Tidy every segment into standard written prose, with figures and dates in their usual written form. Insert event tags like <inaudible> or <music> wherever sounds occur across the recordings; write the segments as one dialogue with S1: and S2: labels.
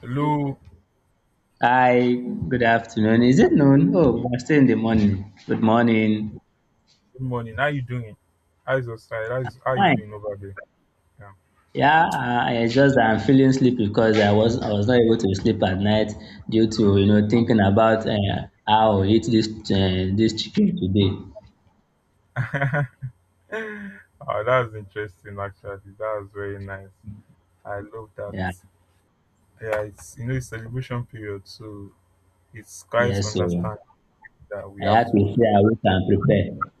S1: Hello,
S2: Hi, good afternoon. Is it noon? Oh, we're still in the morning. Good morning.
S1: good morning. How you doing? How's your side? How you
S2: Fine.
S1: doing over there?
S2: Yeah, I'm feeling sleepy because I was not able to sleep at night due to thinking about how I eat this chicken today.
S1: Yeah. <laughs> Oh, that's interesting actually. That was very nice. I love that.
S2: Yeah,
S1: Yeah, it's it's celebration period, so it's
S2: yeah.
S1: quite
S2: So
S1: understanding that we
S2: I
S1: have
S2: had
S1: to
S2: to stay
S1: do.
S2: awake and prepare.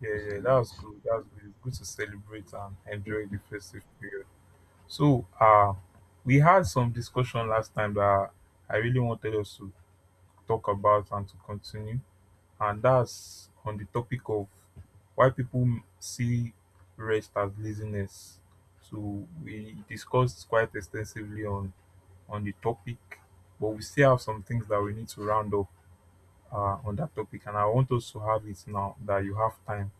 S1: Yeah, yeah, that was good. That was good. It's good to celebrate and enjoy the festive period. So we had some discussion last time that I really wanted us to talk about and to continue. And that's on the topic of why people see rest as laziness. So we discussed quite extensively on the topic, but we still have some things that we need to round up on that topic. And I want us to have it now that you have time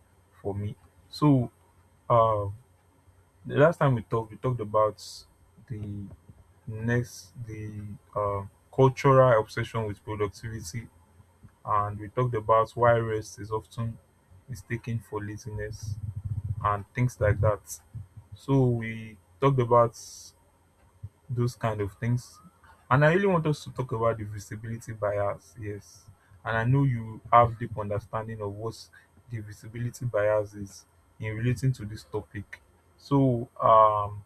S1: for me. So uh, the last time we talked about the the uh, cultural obsession with productivity, and we talked about why rest is often mistaken for laziness and things like that. So we talked about those kind of things. And I really want us to talk about the visibility bias, yes. And I know you have deep understanding of what the visibility bias is in relating to this topic. So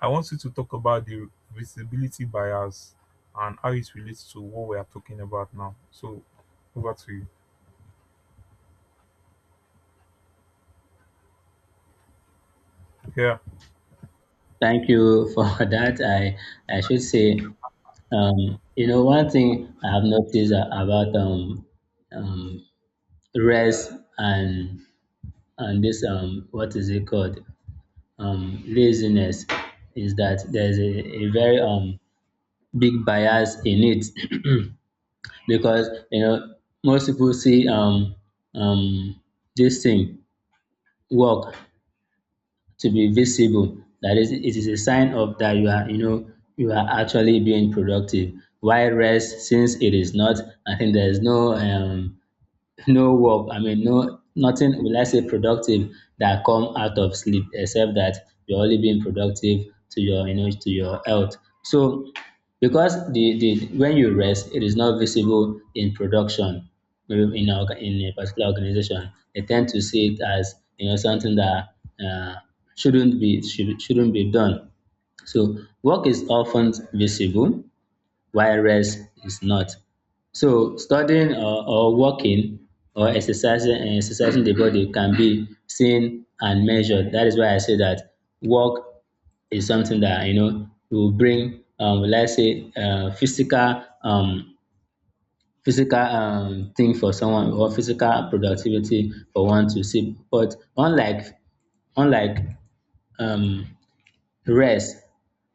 S1: I want you to talk about the visibility bias and how it relates to what we are talking about now. So over to you. Yeah.
S2: Thank you for <laughs> that. I should say, one thing I have noticed about um rest and this what is it called laziness is that there's a very big bias in it. <clears throat> Because most people see um this thing work to be visible, that is it is a sign of that you are you are actually being productive, while rest, since it is not. I think there is no no work, I mean no nothing, will I say productive, that come out of sleep, except that you're only being productive to your, to your health. So because the when you rest it is not visible in production. In in a particular organization they tend to see it as something that uh, shouldn't be, shouldn't be done. So work is often visible while rest is not. So studying, or working or exercising, and exercising the body can be seen and measured. That is why I say that work is something that will bring let's say physical physical thing for someone, or physical productivity for one to see. But unlike um rest,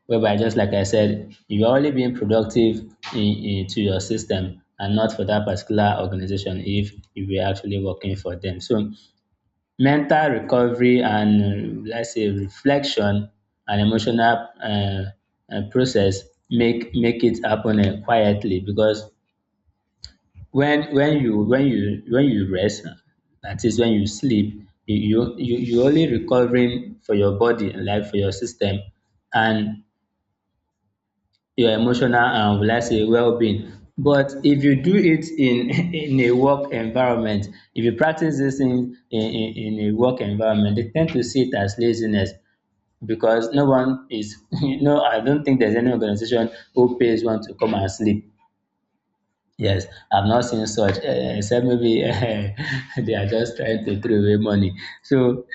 S2: whereby just like I said, you're only being productive in, in- to your system, and not for that particular organization if you were actually working for them. So mental recovery and let's say reflection, and emotional process, make it happen quietly. Because when you rest, that is, when you sleep you only recovering for your body, like for your system, and your emotional and will I say wellbeing. But if you do it in <laughs> in a work environment, if you practice this in a work environment, they tend to see it as laziness. Because no one is <laughs> no, I don't think there's any organization who pays one to come and sleep. Yes, I've not seen such, eh, except maybe <laughs> eh, they are just trying to throw away money. So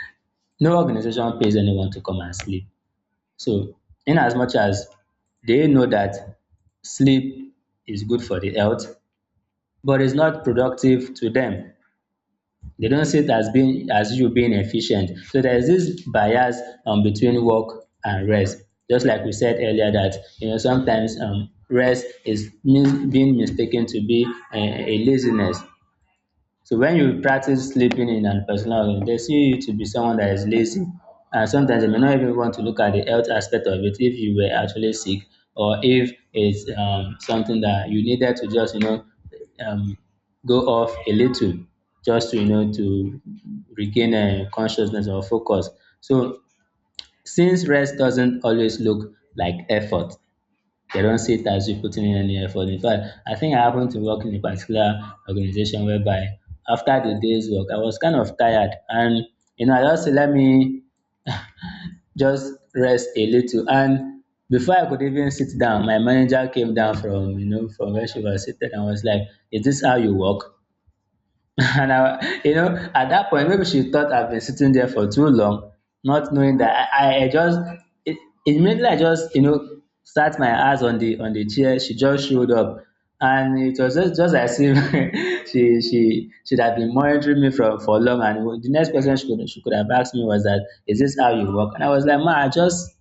S2: no organization pays anyone to come and sleep. So, in as much as they know that sleep is good for the health, but it's not productive to them. They don't see it as being, as you being efficient. So there is this bias between work and rest. Just like we said earlier, that sometimes rest is being mistaken to be a laziness. So when you practice sleeping in an personal room, they see you to be someone that is lazy. And sometimes they may not even want to look at the health aspect of it if you were actually sick, or if it's something that you needed to just, you know, um, go off a little, just to, you know, to regain consciousness or focus. So since rest doesn't always look like effort, they don't see it as you putting in any effort. In fact, I think I happened to work in a particular organization whereby after the day's work, I was kind of tired. And, you know, I just said, let me just rest a little. And before I could even sit down, my manager came down from, you know, from where she was seated and was like, is this how you work? <laughs> And I, you know, at that point, maybe she thought I've been sitting there for too long, not knowing that I just it, immediately I just sat my ass on the chair. She just showed up, and it was just as if <laughs> she should have been monitoring me from for long. And the next question she could have asked me was that, is this how you work? And I was like, ma, I just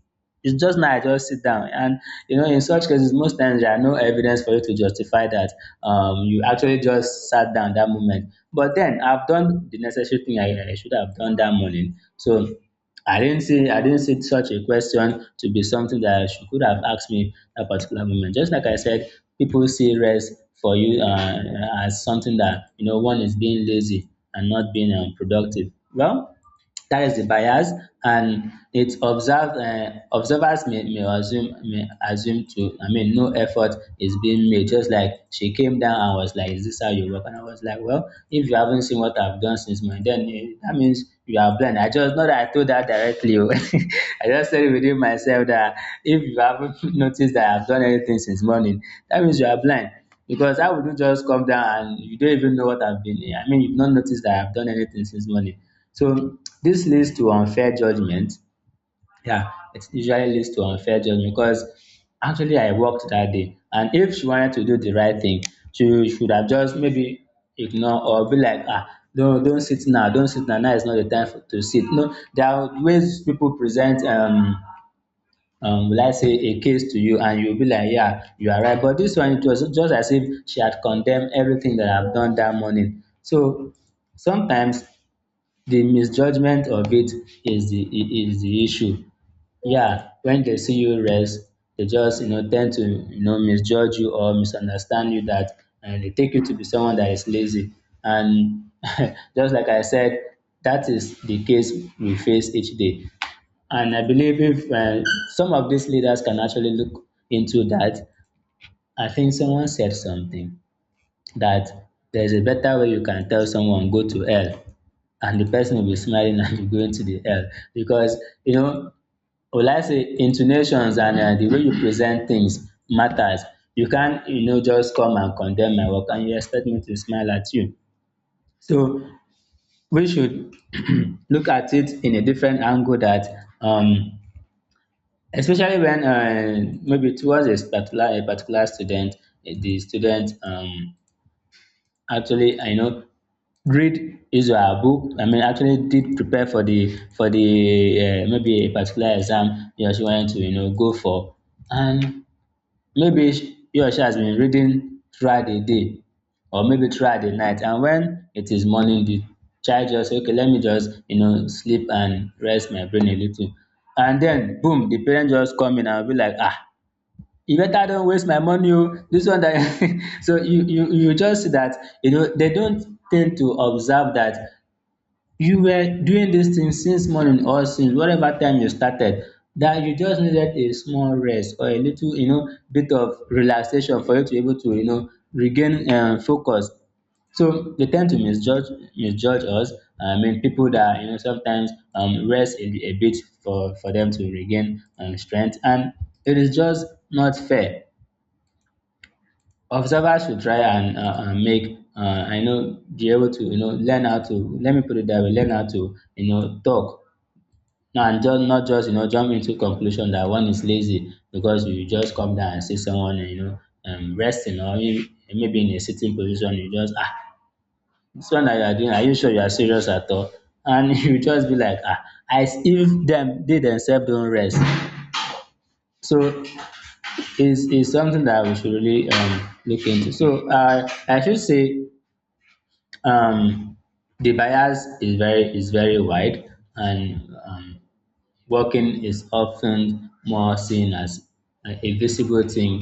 S2: it's just now I just sit down. And you know, in such cases, most times there are no evidence for you to justify that you actually just sat down that moment. But then I've done the necessary thing I should have done that morning. So I didn't see such a question to be something that she could have asked me that particular moment. Just like I said, people see rest for you as something that one is being lazy and not being productive. Well, that is the bias. And it observed observers may assume, to I mean no effort is being made. Just like she came down and was like, is this how you work? And I was like, well, if you haven't seen what I've done since my then, eh, that means you are blind. I just, not that I told that directly, oh. <laughs> I just said it within myself that if you haven't <laughs> noticed that I've done anything since morning, that means you are blind. Because how would you just come down and you don't even know what I've been, I mean you've not noticed that I've done anything since morning. So this leads to unfair judgment. Yeah, it usually leads to unfair judgment, because actually I worked that day. And if she wanted to do the right thing, she should have just maybe ignore, or be like, ah, don't sit now, don't sit now. Now is not the time for, to sit. No, there are ways people present will I say a case to you, and you'll be like, yeah, you are right. But this one, it was just as if she had condemned everything that I've done that morning. So sometimes the misjudgment of it is is the issue. Yeah, when they see you rest, they just tend to misjudge you or misunderstand you, that, and they take you to be someone that is lazy. And <laughs> just like I said, that is the case we face each day. And I believe if some of these leaders can actually look into that. I think someone said something, that there's a better way you can tell someone go to hell and the person will be smiling <laughs> and you're going to the hell. Because you know, will I say intonations and the way you present things matters. You can't you know just come and condemn my work and you expect me to smile at you. So we should <clears throat> look at it in a different angle. That um especially when maybe towards a particular student, the student actually, I know read is a book, I mean actually did prepare for the maybe a particular exam he or she wanted to go for. And maybe he or she has been reading throughout the day, or maybe throughout the night, and when it is morning, the child just say, okay let me just sleep and rest my brain a little. And then boom, the parent just come in and be like, ah, you better don't waste my money oh, this one that. <laughs> So you just see that, you know they don't tend to observe that you were doing this thing since morning or since whatever time you started, that you just needed a small rest or a little bit of relaxation for you to be able to regain focus. So they tend to misjudge us. I mean, people that sometimes rest a bit for them to regain strength, and it is just not fair. Observers should try and make I know, be able to learn how to, let me put it that way, learn how to talk now, and just not just jump into conclusion that one is lazy, because you just come down and see someone, you know, resting, or you, maybe in a sitting position you just ah, this one that you are doing, are you sure you are serious at all? And <laughs> you just be like, ah, as if them they themselves don't rest. So it's something that we should really look into. So I should say, Um, the bias is very wide, and walking is often more seen as a visible thing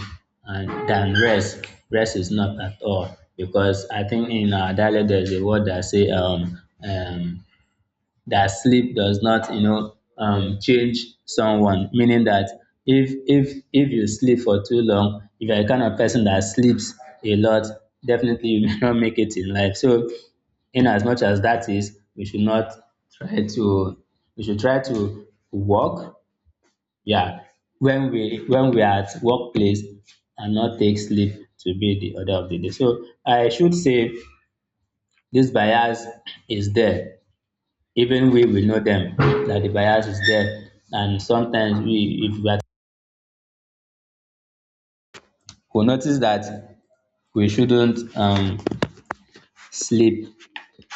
S2: and than rest. Rest is not at all, because I think in our dialect there's a word that say, um, that sleep does not, change someone, meaning that if you sleep for too long, if you're the kind of person that sleeps a lot, definitely you <laughs> may not make it in life. So, in as much as that is, we should not try to, we should try to work. Yeah, when we are at workplace and not take sleep to be the order of the day. So I should say this bias is there. Even we will know them that the bias is there, and sometimes we, if we are, we notice that we shouldn't, sleep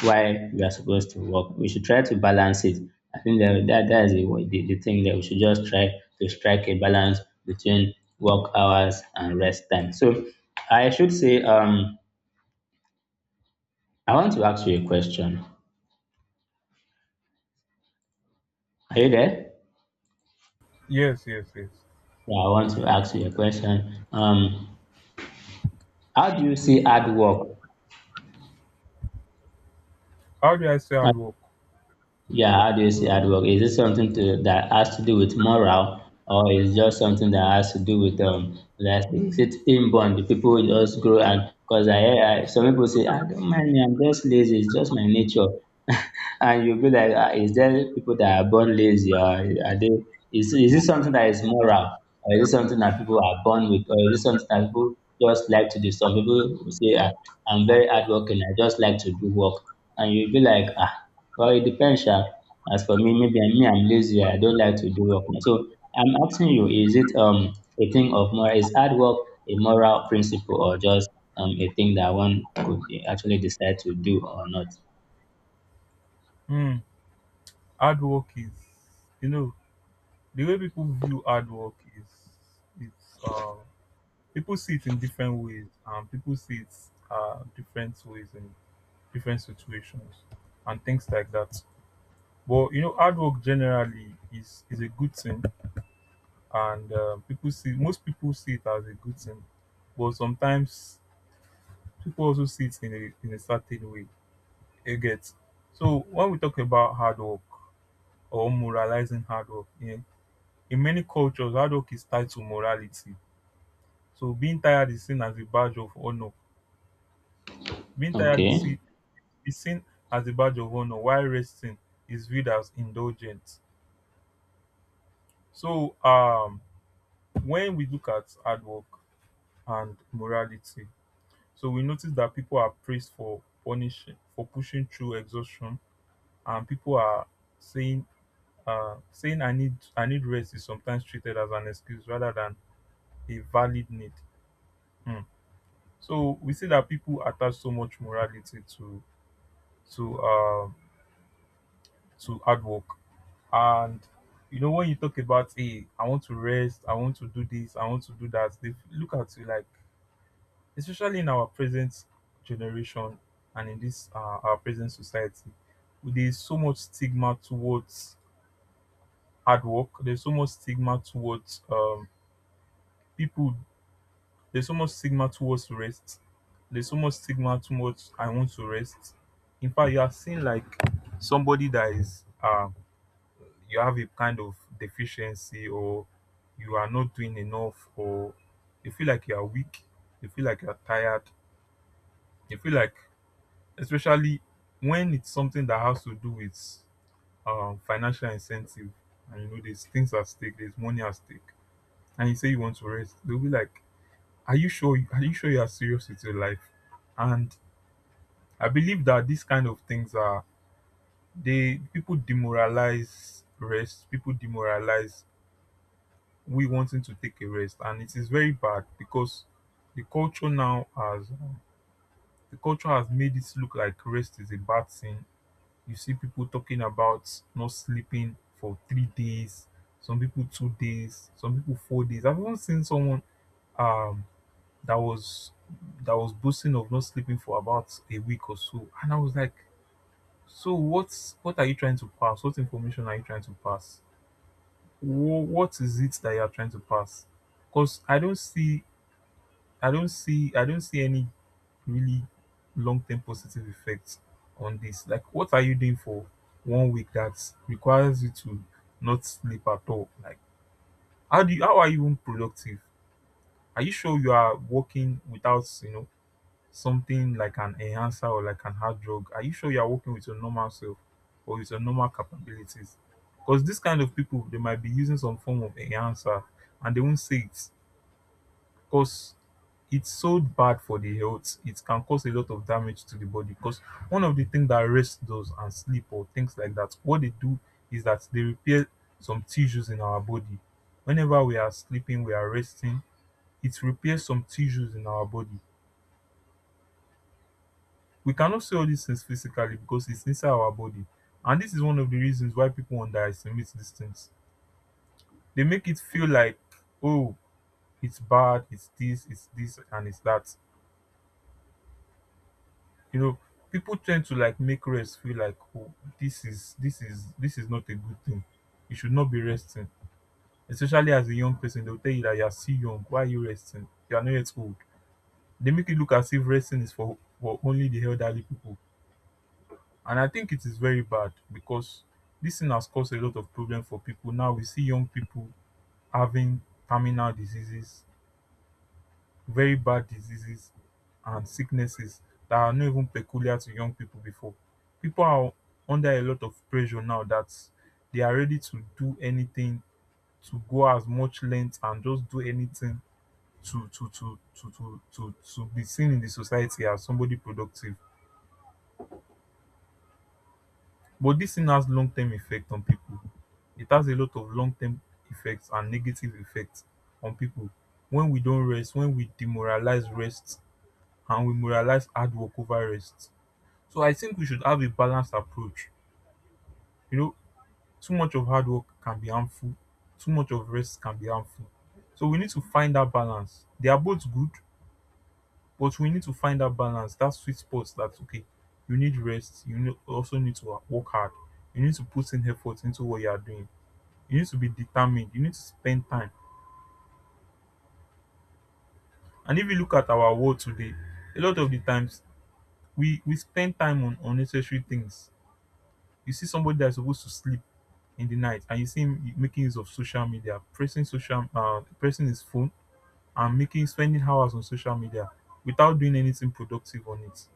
S2: while we are supposed to work. We should try to balance it. I think that is the thing that we should just try, to strike a balance between work hours and rest time. So I should say, I want to ask you a question. Are you there?
S1: Yes, yes, yes.
S2: Yeah, I want to ask you a question. How do you see hard work?
S1: How do I say hard work?
S2: Yeah, how do you see hard work? Is it something that has to do with morale? Or is just something that has to do with, like, is it inborn? The people will just grow. And because I, hear- I some people say, I don't mind me, I'm just lazy. It's just my nature. <laughs> And you'll be like, ah, is there people that are born lazy, or are they? Is it something that is moral, or is it something that people are born with, or is it something that people just like to do? Some people will say, ah, I'm very hardworking. I just like to do work. And you'll be like, ah. Well, it depends sha. As for me, maybe I'm me, I'm lazy. I don't like to do work. So I'm asking you, is it a thing of moral? Is hard work a moral principle, or just a thing that one could actually decide to do or not?
S1: Hmm, hard work is, you know, the way people view hard work is, it's, uh, people see it in different ways, and people see it different ways in different situations and things like that. But you know, hard work generally is a good thing, and people see most people see it as a good thing, but sometimes people also see it in a certain way. It gets so when we talk about hard work, or moralizing hard work. In many cultures, hard work is tied to morality. So being tired is seen as a badge of honor. Being tired
S2: Okay.
S1: is seen as a badge of honor, while resting is viewed as indulgent. So when we look at hard work and morality, so we notice that people are praised for pushing through exhaustion, and people are saying, saying I need rest is sometimes treated as an excuse rather than a valid need. Hmm. So we see that people attach so much morality to to um hard work. And you know when you talk about hey, I want to rest, I want to do this, I want to do that, they look at you like, especially in our present generation and in this our present society, there's so much stigma towards hard work, there's so much stigma towards people There's so much stigma towards rest. There's so much stigma towards I want to rest. In fact, you are seeing like somebody that is you have a kind of deficiency, or you are not doing enough, or you feel like you are weak, you feel like you are tired, you feel like, especially when it's something that has to do with financial incentive, and you know there's things at stake, there's money at stake, and you say you want to rest, they'll be like, are you sure? Are you sure you are serious with your life? And I believe that these kind of things are, they, people demoralize rest. People demoralize we wanting to take a rest, and it is very bad because the culture now has the culture has made it look like rest is a bad thing. You see people talking about not sleeping for three days, some people two days, some people four days. I've even seen someone um that was that was boasting of not sleeping for about a week or so, and I was like, what are you trying to pass, what information are you trying to pass, what is it that you are trying to pass, because I don't see any really long-term positive effects on this. Like what are you doing for one week that requires you to not sleep at all? Like how are you even productive? Are you sure you are working without you know something like an enhancer or like an hard drug? Are you sure you are working with your normal self or with your normal capabilities? Because this kind of people, they might be using some form of enhancer and they won't say it because it's so bad for the health. It can cause a lot of damage to the body. Because one of the things that rest does, and sleep or things like that, what they do is that they repair some tissues in our body. Whenever we are sleeping, we are resting, it repairs some tissues in our body. We cannot see all these things physically because it's inside our body. And this is one of the reasons why people underestimate these things. They make it feel like, oh, it's bad, and it's that. You know, people tend to like make rest feel like, oh, this is not a good thing. You should not be resting. Especially as a young person, they'll tell you that you are still young. Why are you resting? You are not yet old. They make it look as if resting is for, only the elderly people. And I think it is very bad because this thing has caused a lot of problem for people. Now we see young people having terminal diseases, very bad diseases and sicknesses that are not even peculiar to young people before. People are under a lot of pressure now that they are ready to do anything, to go as much length and just do anything to be seen in the society as somebody productive. But this thing has long-term effect on people. It has a lot of long-term effects and negative effects on people. When we don't rest, when we demoralize rest and we moralize hard work over rest, so I think we should have a balanced approach. You know, too much of hard work can be harmful, too much of rest can be harmful, so we need to find that balance. They are both good, but we need to find that balance. That sweet spot. That's okay. You need rest, you also need to work hard. You need to put in effort into what you are doing. You need to be determined, you need to spend time. And if you look at our world today, a lot of the times we spend time on unnecessary things. You see somebody that's supposed to sleep in the night, and you see him making use of social media, pressing social pressing his phone, and making spending hours on social media without doing anything productive on it.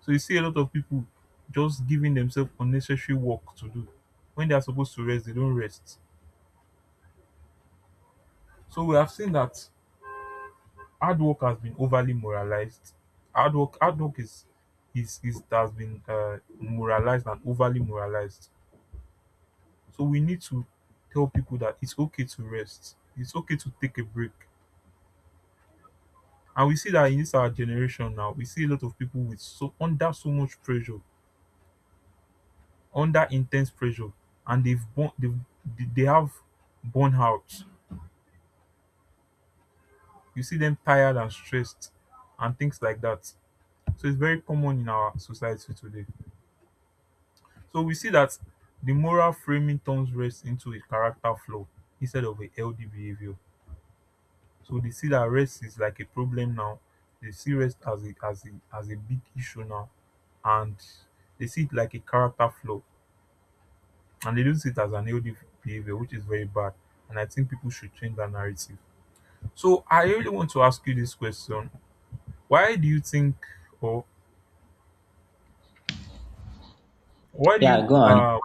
S1: So you see a lot of people just giving themselves unnecessary work to do. When they are supposed to rest, they don't rest. So we have seen that hard work has been overly moralized. Hard work is has been moralized and overly moralized. So we need to tell people that it's okay to rest. It's okay to take a break. And we see that in this our generation now, we see a lot of people with so under so much pressure, under intense pressure, and they've born they've, they have burnout. You see them tired and stressed and things like that. So it's very common in our society today. So we see that the moral framing turns rest into a character flaw instead of a healthy behavior. So they see that rest is like a problem now. They see rest as a big issue now, and they see it like a character flaw, and they don't see it as an healthy behavior, which is very bad. And I think people should change that narrative. So I really want to ask you this question: why do you think, or why do you
S2: Yeah, go on.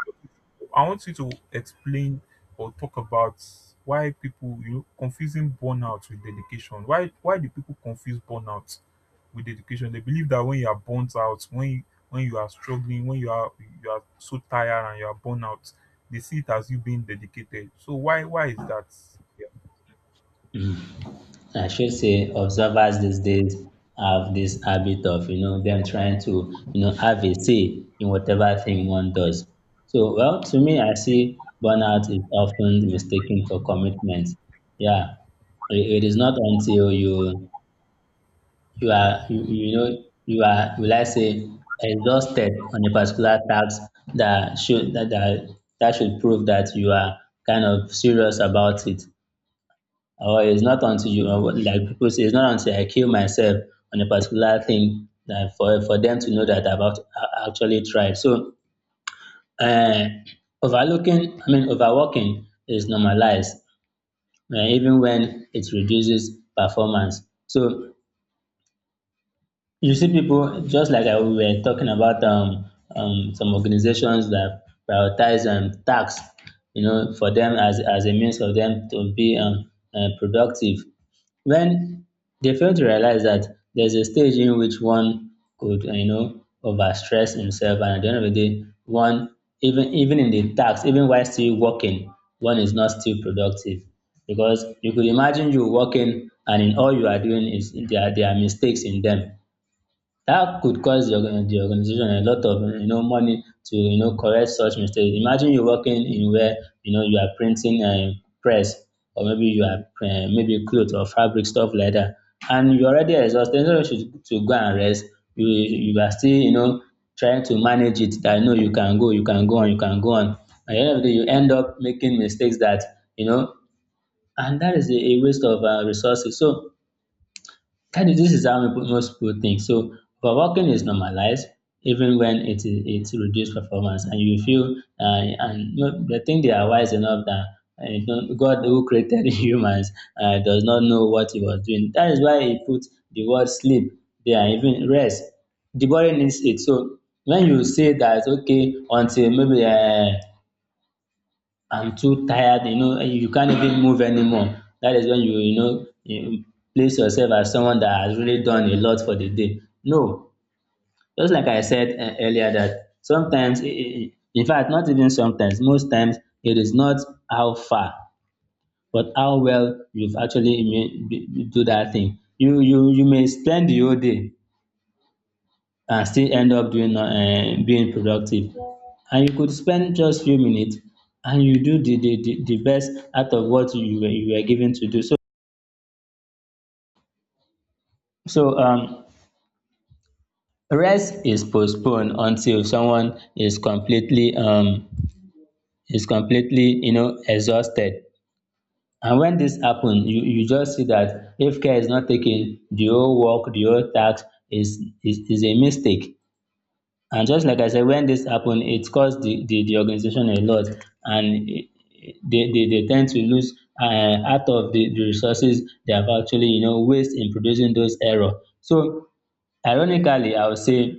S1: I want you to explain or talk about why people you know confusing burnout with dedication. Why do people confuse burnout with dedication? They believe that when you are burnt out, when you are struggling, when you are, you are so tired and you are burnt out, they see it as you being dedicated. So why is that? Yeah,
S2: I should say observers these days have this habit of, them trying to, have a say in whatever thing one does. So, well, to me, I see burnout is often mistaken for commitment. Yeah, it is not until you are you, you know you are, will I say, exhausted on a particular task that should that that, that should prove that you are kind of serious about it. Or it's not until you, like people say, it's not until I kill myself on a particular thing, that for them to know that I've actually tried. So, uh, overlooking, I mean, overworking is normalized, even when it reduces performance. So you see people, just like, we were talking about, some organizations that prioritize, tasks, for them as a means of them to be, productive, when they fail to realize that there's a stage in which one could, overstress himself. And at the end of the day, one, even in the task, even while still working, one is not still productive. Because you could imagine you working, and in all you are doing is, there are mistakes in them that could cost the organization a lot of, money to, correct such mistakes. Imagine you are working in where, you are printing, press, or maybe you are, maybe clothes or fabric, stuff like that, and you already exhausted, instead of you to go and rest, you are still, trying to manage it, that no, you can go you can go on you can go on At the end of the day, you end up making mistakes that, you know and that is a waste of resources. So that is this is how most people think. So overworking is normalized, even when it reduces performance, and you feel, and, they think they are wise enough, that, God, who created <laughs> humans, does not know what he was doing. That is why he put the word sleep there, even rest. The body needs it. So when you say that, okay, until maybe, I'm too tired, and you can't even move anymore, that is when you place yourself as someone that has really done a lot for the day. No, just like I said, earlier, that sometimes, in fact, not even sometimes, most times, it is not how far but how well you've actually do that thing. You may spend the whole day and still end up doing being productive, and you could spend just few minutes and you do the best out of what you were given to do. So rest is postponed until someone is, completely exhausted. And when this happens, you just see that if care is not taken, the whole task is a mistake. And just like I said, when this happened, it cost the organization a lot. And they tend to lose, out of the resources they have actually, waste in producing those error. So, ironically, I would say,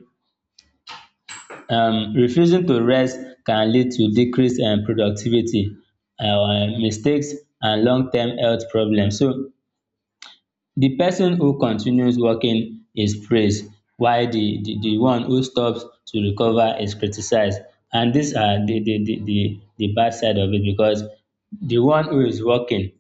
S2: refusing to rest can lead to decreased, productivity, mistakes, and long term health problems. So the person who continues working is praised, while the one who stops to recover is criticized. And these are the bad side of it, because the one who is working,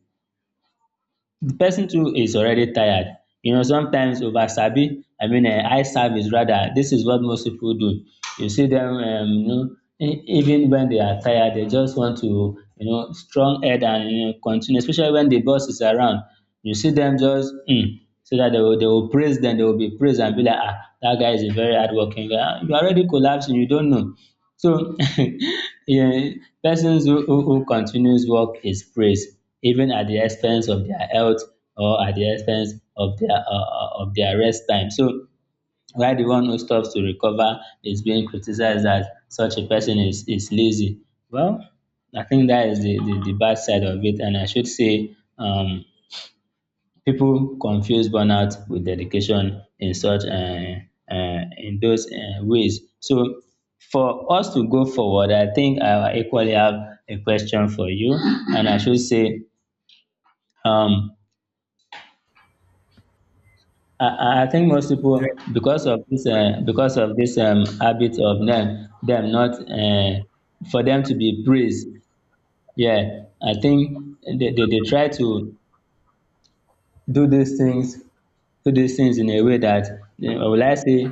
S2: the person too, is already tired. Sometimes, over sabi, I mean, eye service, rather, this is what most people do. You see them, even when they are tired, they just want to, strong head, and, continue, especially when the boss is around. You see them, just, so that they will praise them, they will be praised, and be like, ah, that guy is a very hardworking guy. Ah, you are already collapsing, you don't know. So, <laughs> yeah, persons who continues work is praised, even at the expense of their health, or at the expense of their rest time. So while the one who stops to recover is being criticized, that such a person is lazy. Well, I think that is the bad side of it. And I should say, people confuse burnout with dedication, in those ways. So, for us to go forward, I think I equally have a question for you. And I should say, um I think most people,
S1: yeah.
S2: because of this habit of them not, for them to be praised, yeah, I think they dey try to do these things do these things in a way that, you know, will I say,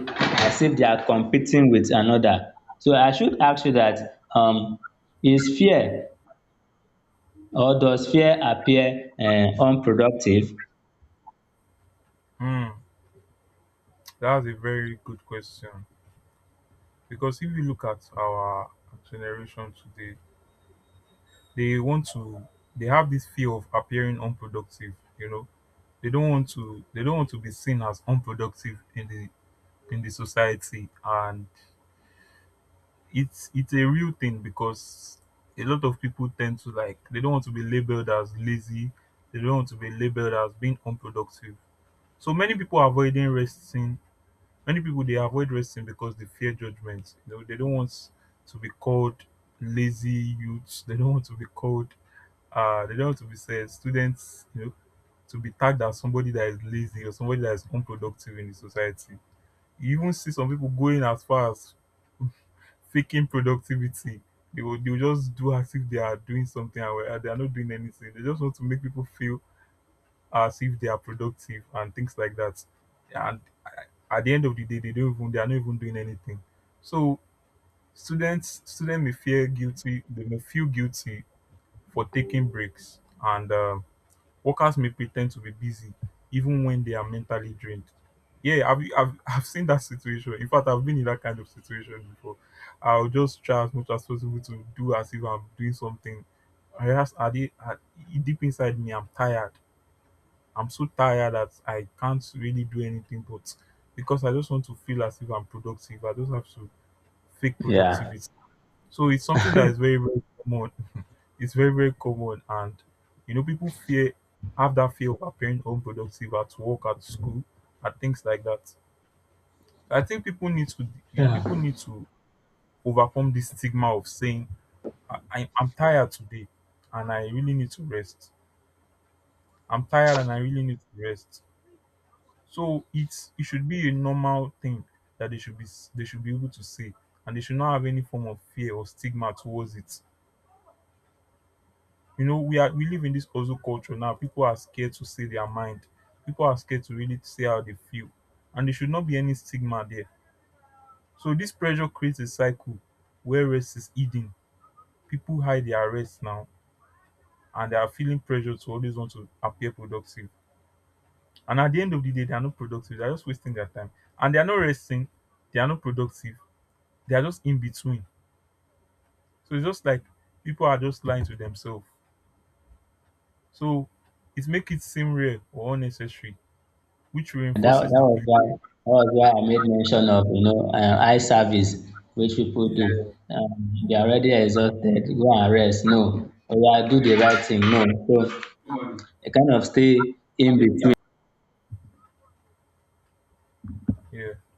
S2: as if they are competing with another. So I should ask you that, is fear or does fear appear, unproductive?
S1: Hmm, that's a very good question, because if you look at our generation today, they want to they have this fear of appearing unproductive. You know, they don't want to be seen as unproductive in the society, and it's a real thing because a lot of people tend to like, they don't want to be labeled as lazy, they don't want to be labeled as being unproductive. So many people are avoiding resting. Many people they avoid resting because they fear judgment. You know, they don't want to be called lazy youths, they don't want to be called they don't want to be said students, you know, to be tagged as somebody that is lazy or somebody that is unproductive in the society. You even see some people going as far as faking productivity. They will just do as if they are doing something and where they are not doing anything. They just want to make people feel as if they are productive and things like that. And at the end of the day, they are not even doing anything. So students may feel guilty. They may feel guilty for taking breaks, and workers may pretend to be busy even when they are mentally drained. Yeah, I've seen that situation. In fact, I've been in that kind of situation before. I'll just try as much as possible to do as if I'm doing something. I ask, are they, are, deep inside me, I'm tired. I'm so tired that I can't really do anything, but because I just want to feel as if I'm productive, I just have to fake
S2: Yeah.
S1: productivity. So it's something that is very, very common. It's very, very common and You know people fear, have that fear of appearing unproductive at work, at school, and things like that. I think
S2: Yeah.
S1: people need to overcome this stigma of saying I'm tired today and I really need to rest. I'm tired and I really need to rest. So it's it should be a normal thing that they should be able to say, and they should not have any form of fear or stigma towards it. You know, we live in this hustle culture now. People are scared to say their mind. People are scared to really say how they feel. And there should not be any stigma there. So this pressure creates a cycle where rest is hidden. People hide their rest now, and they are feeling pressure to always want to appear productive. And at the end of the day, they are not productive. They are just wasting their time. And they are not resting. They are not productive. They are just in between. So it's just like people are just lying to themselves. So it makes it seem real or unnecessary which
S2: And that,
S1: reinforces
S2: that
S1: the
S2: was
S1: belief.
S2: why that was why I made mention of, eye service, which people
S1: Yeah,
S2: do. They are already exhausted. Go and rest. No, or do the right thing. No, so they kind of stay in between.
S1: yeah.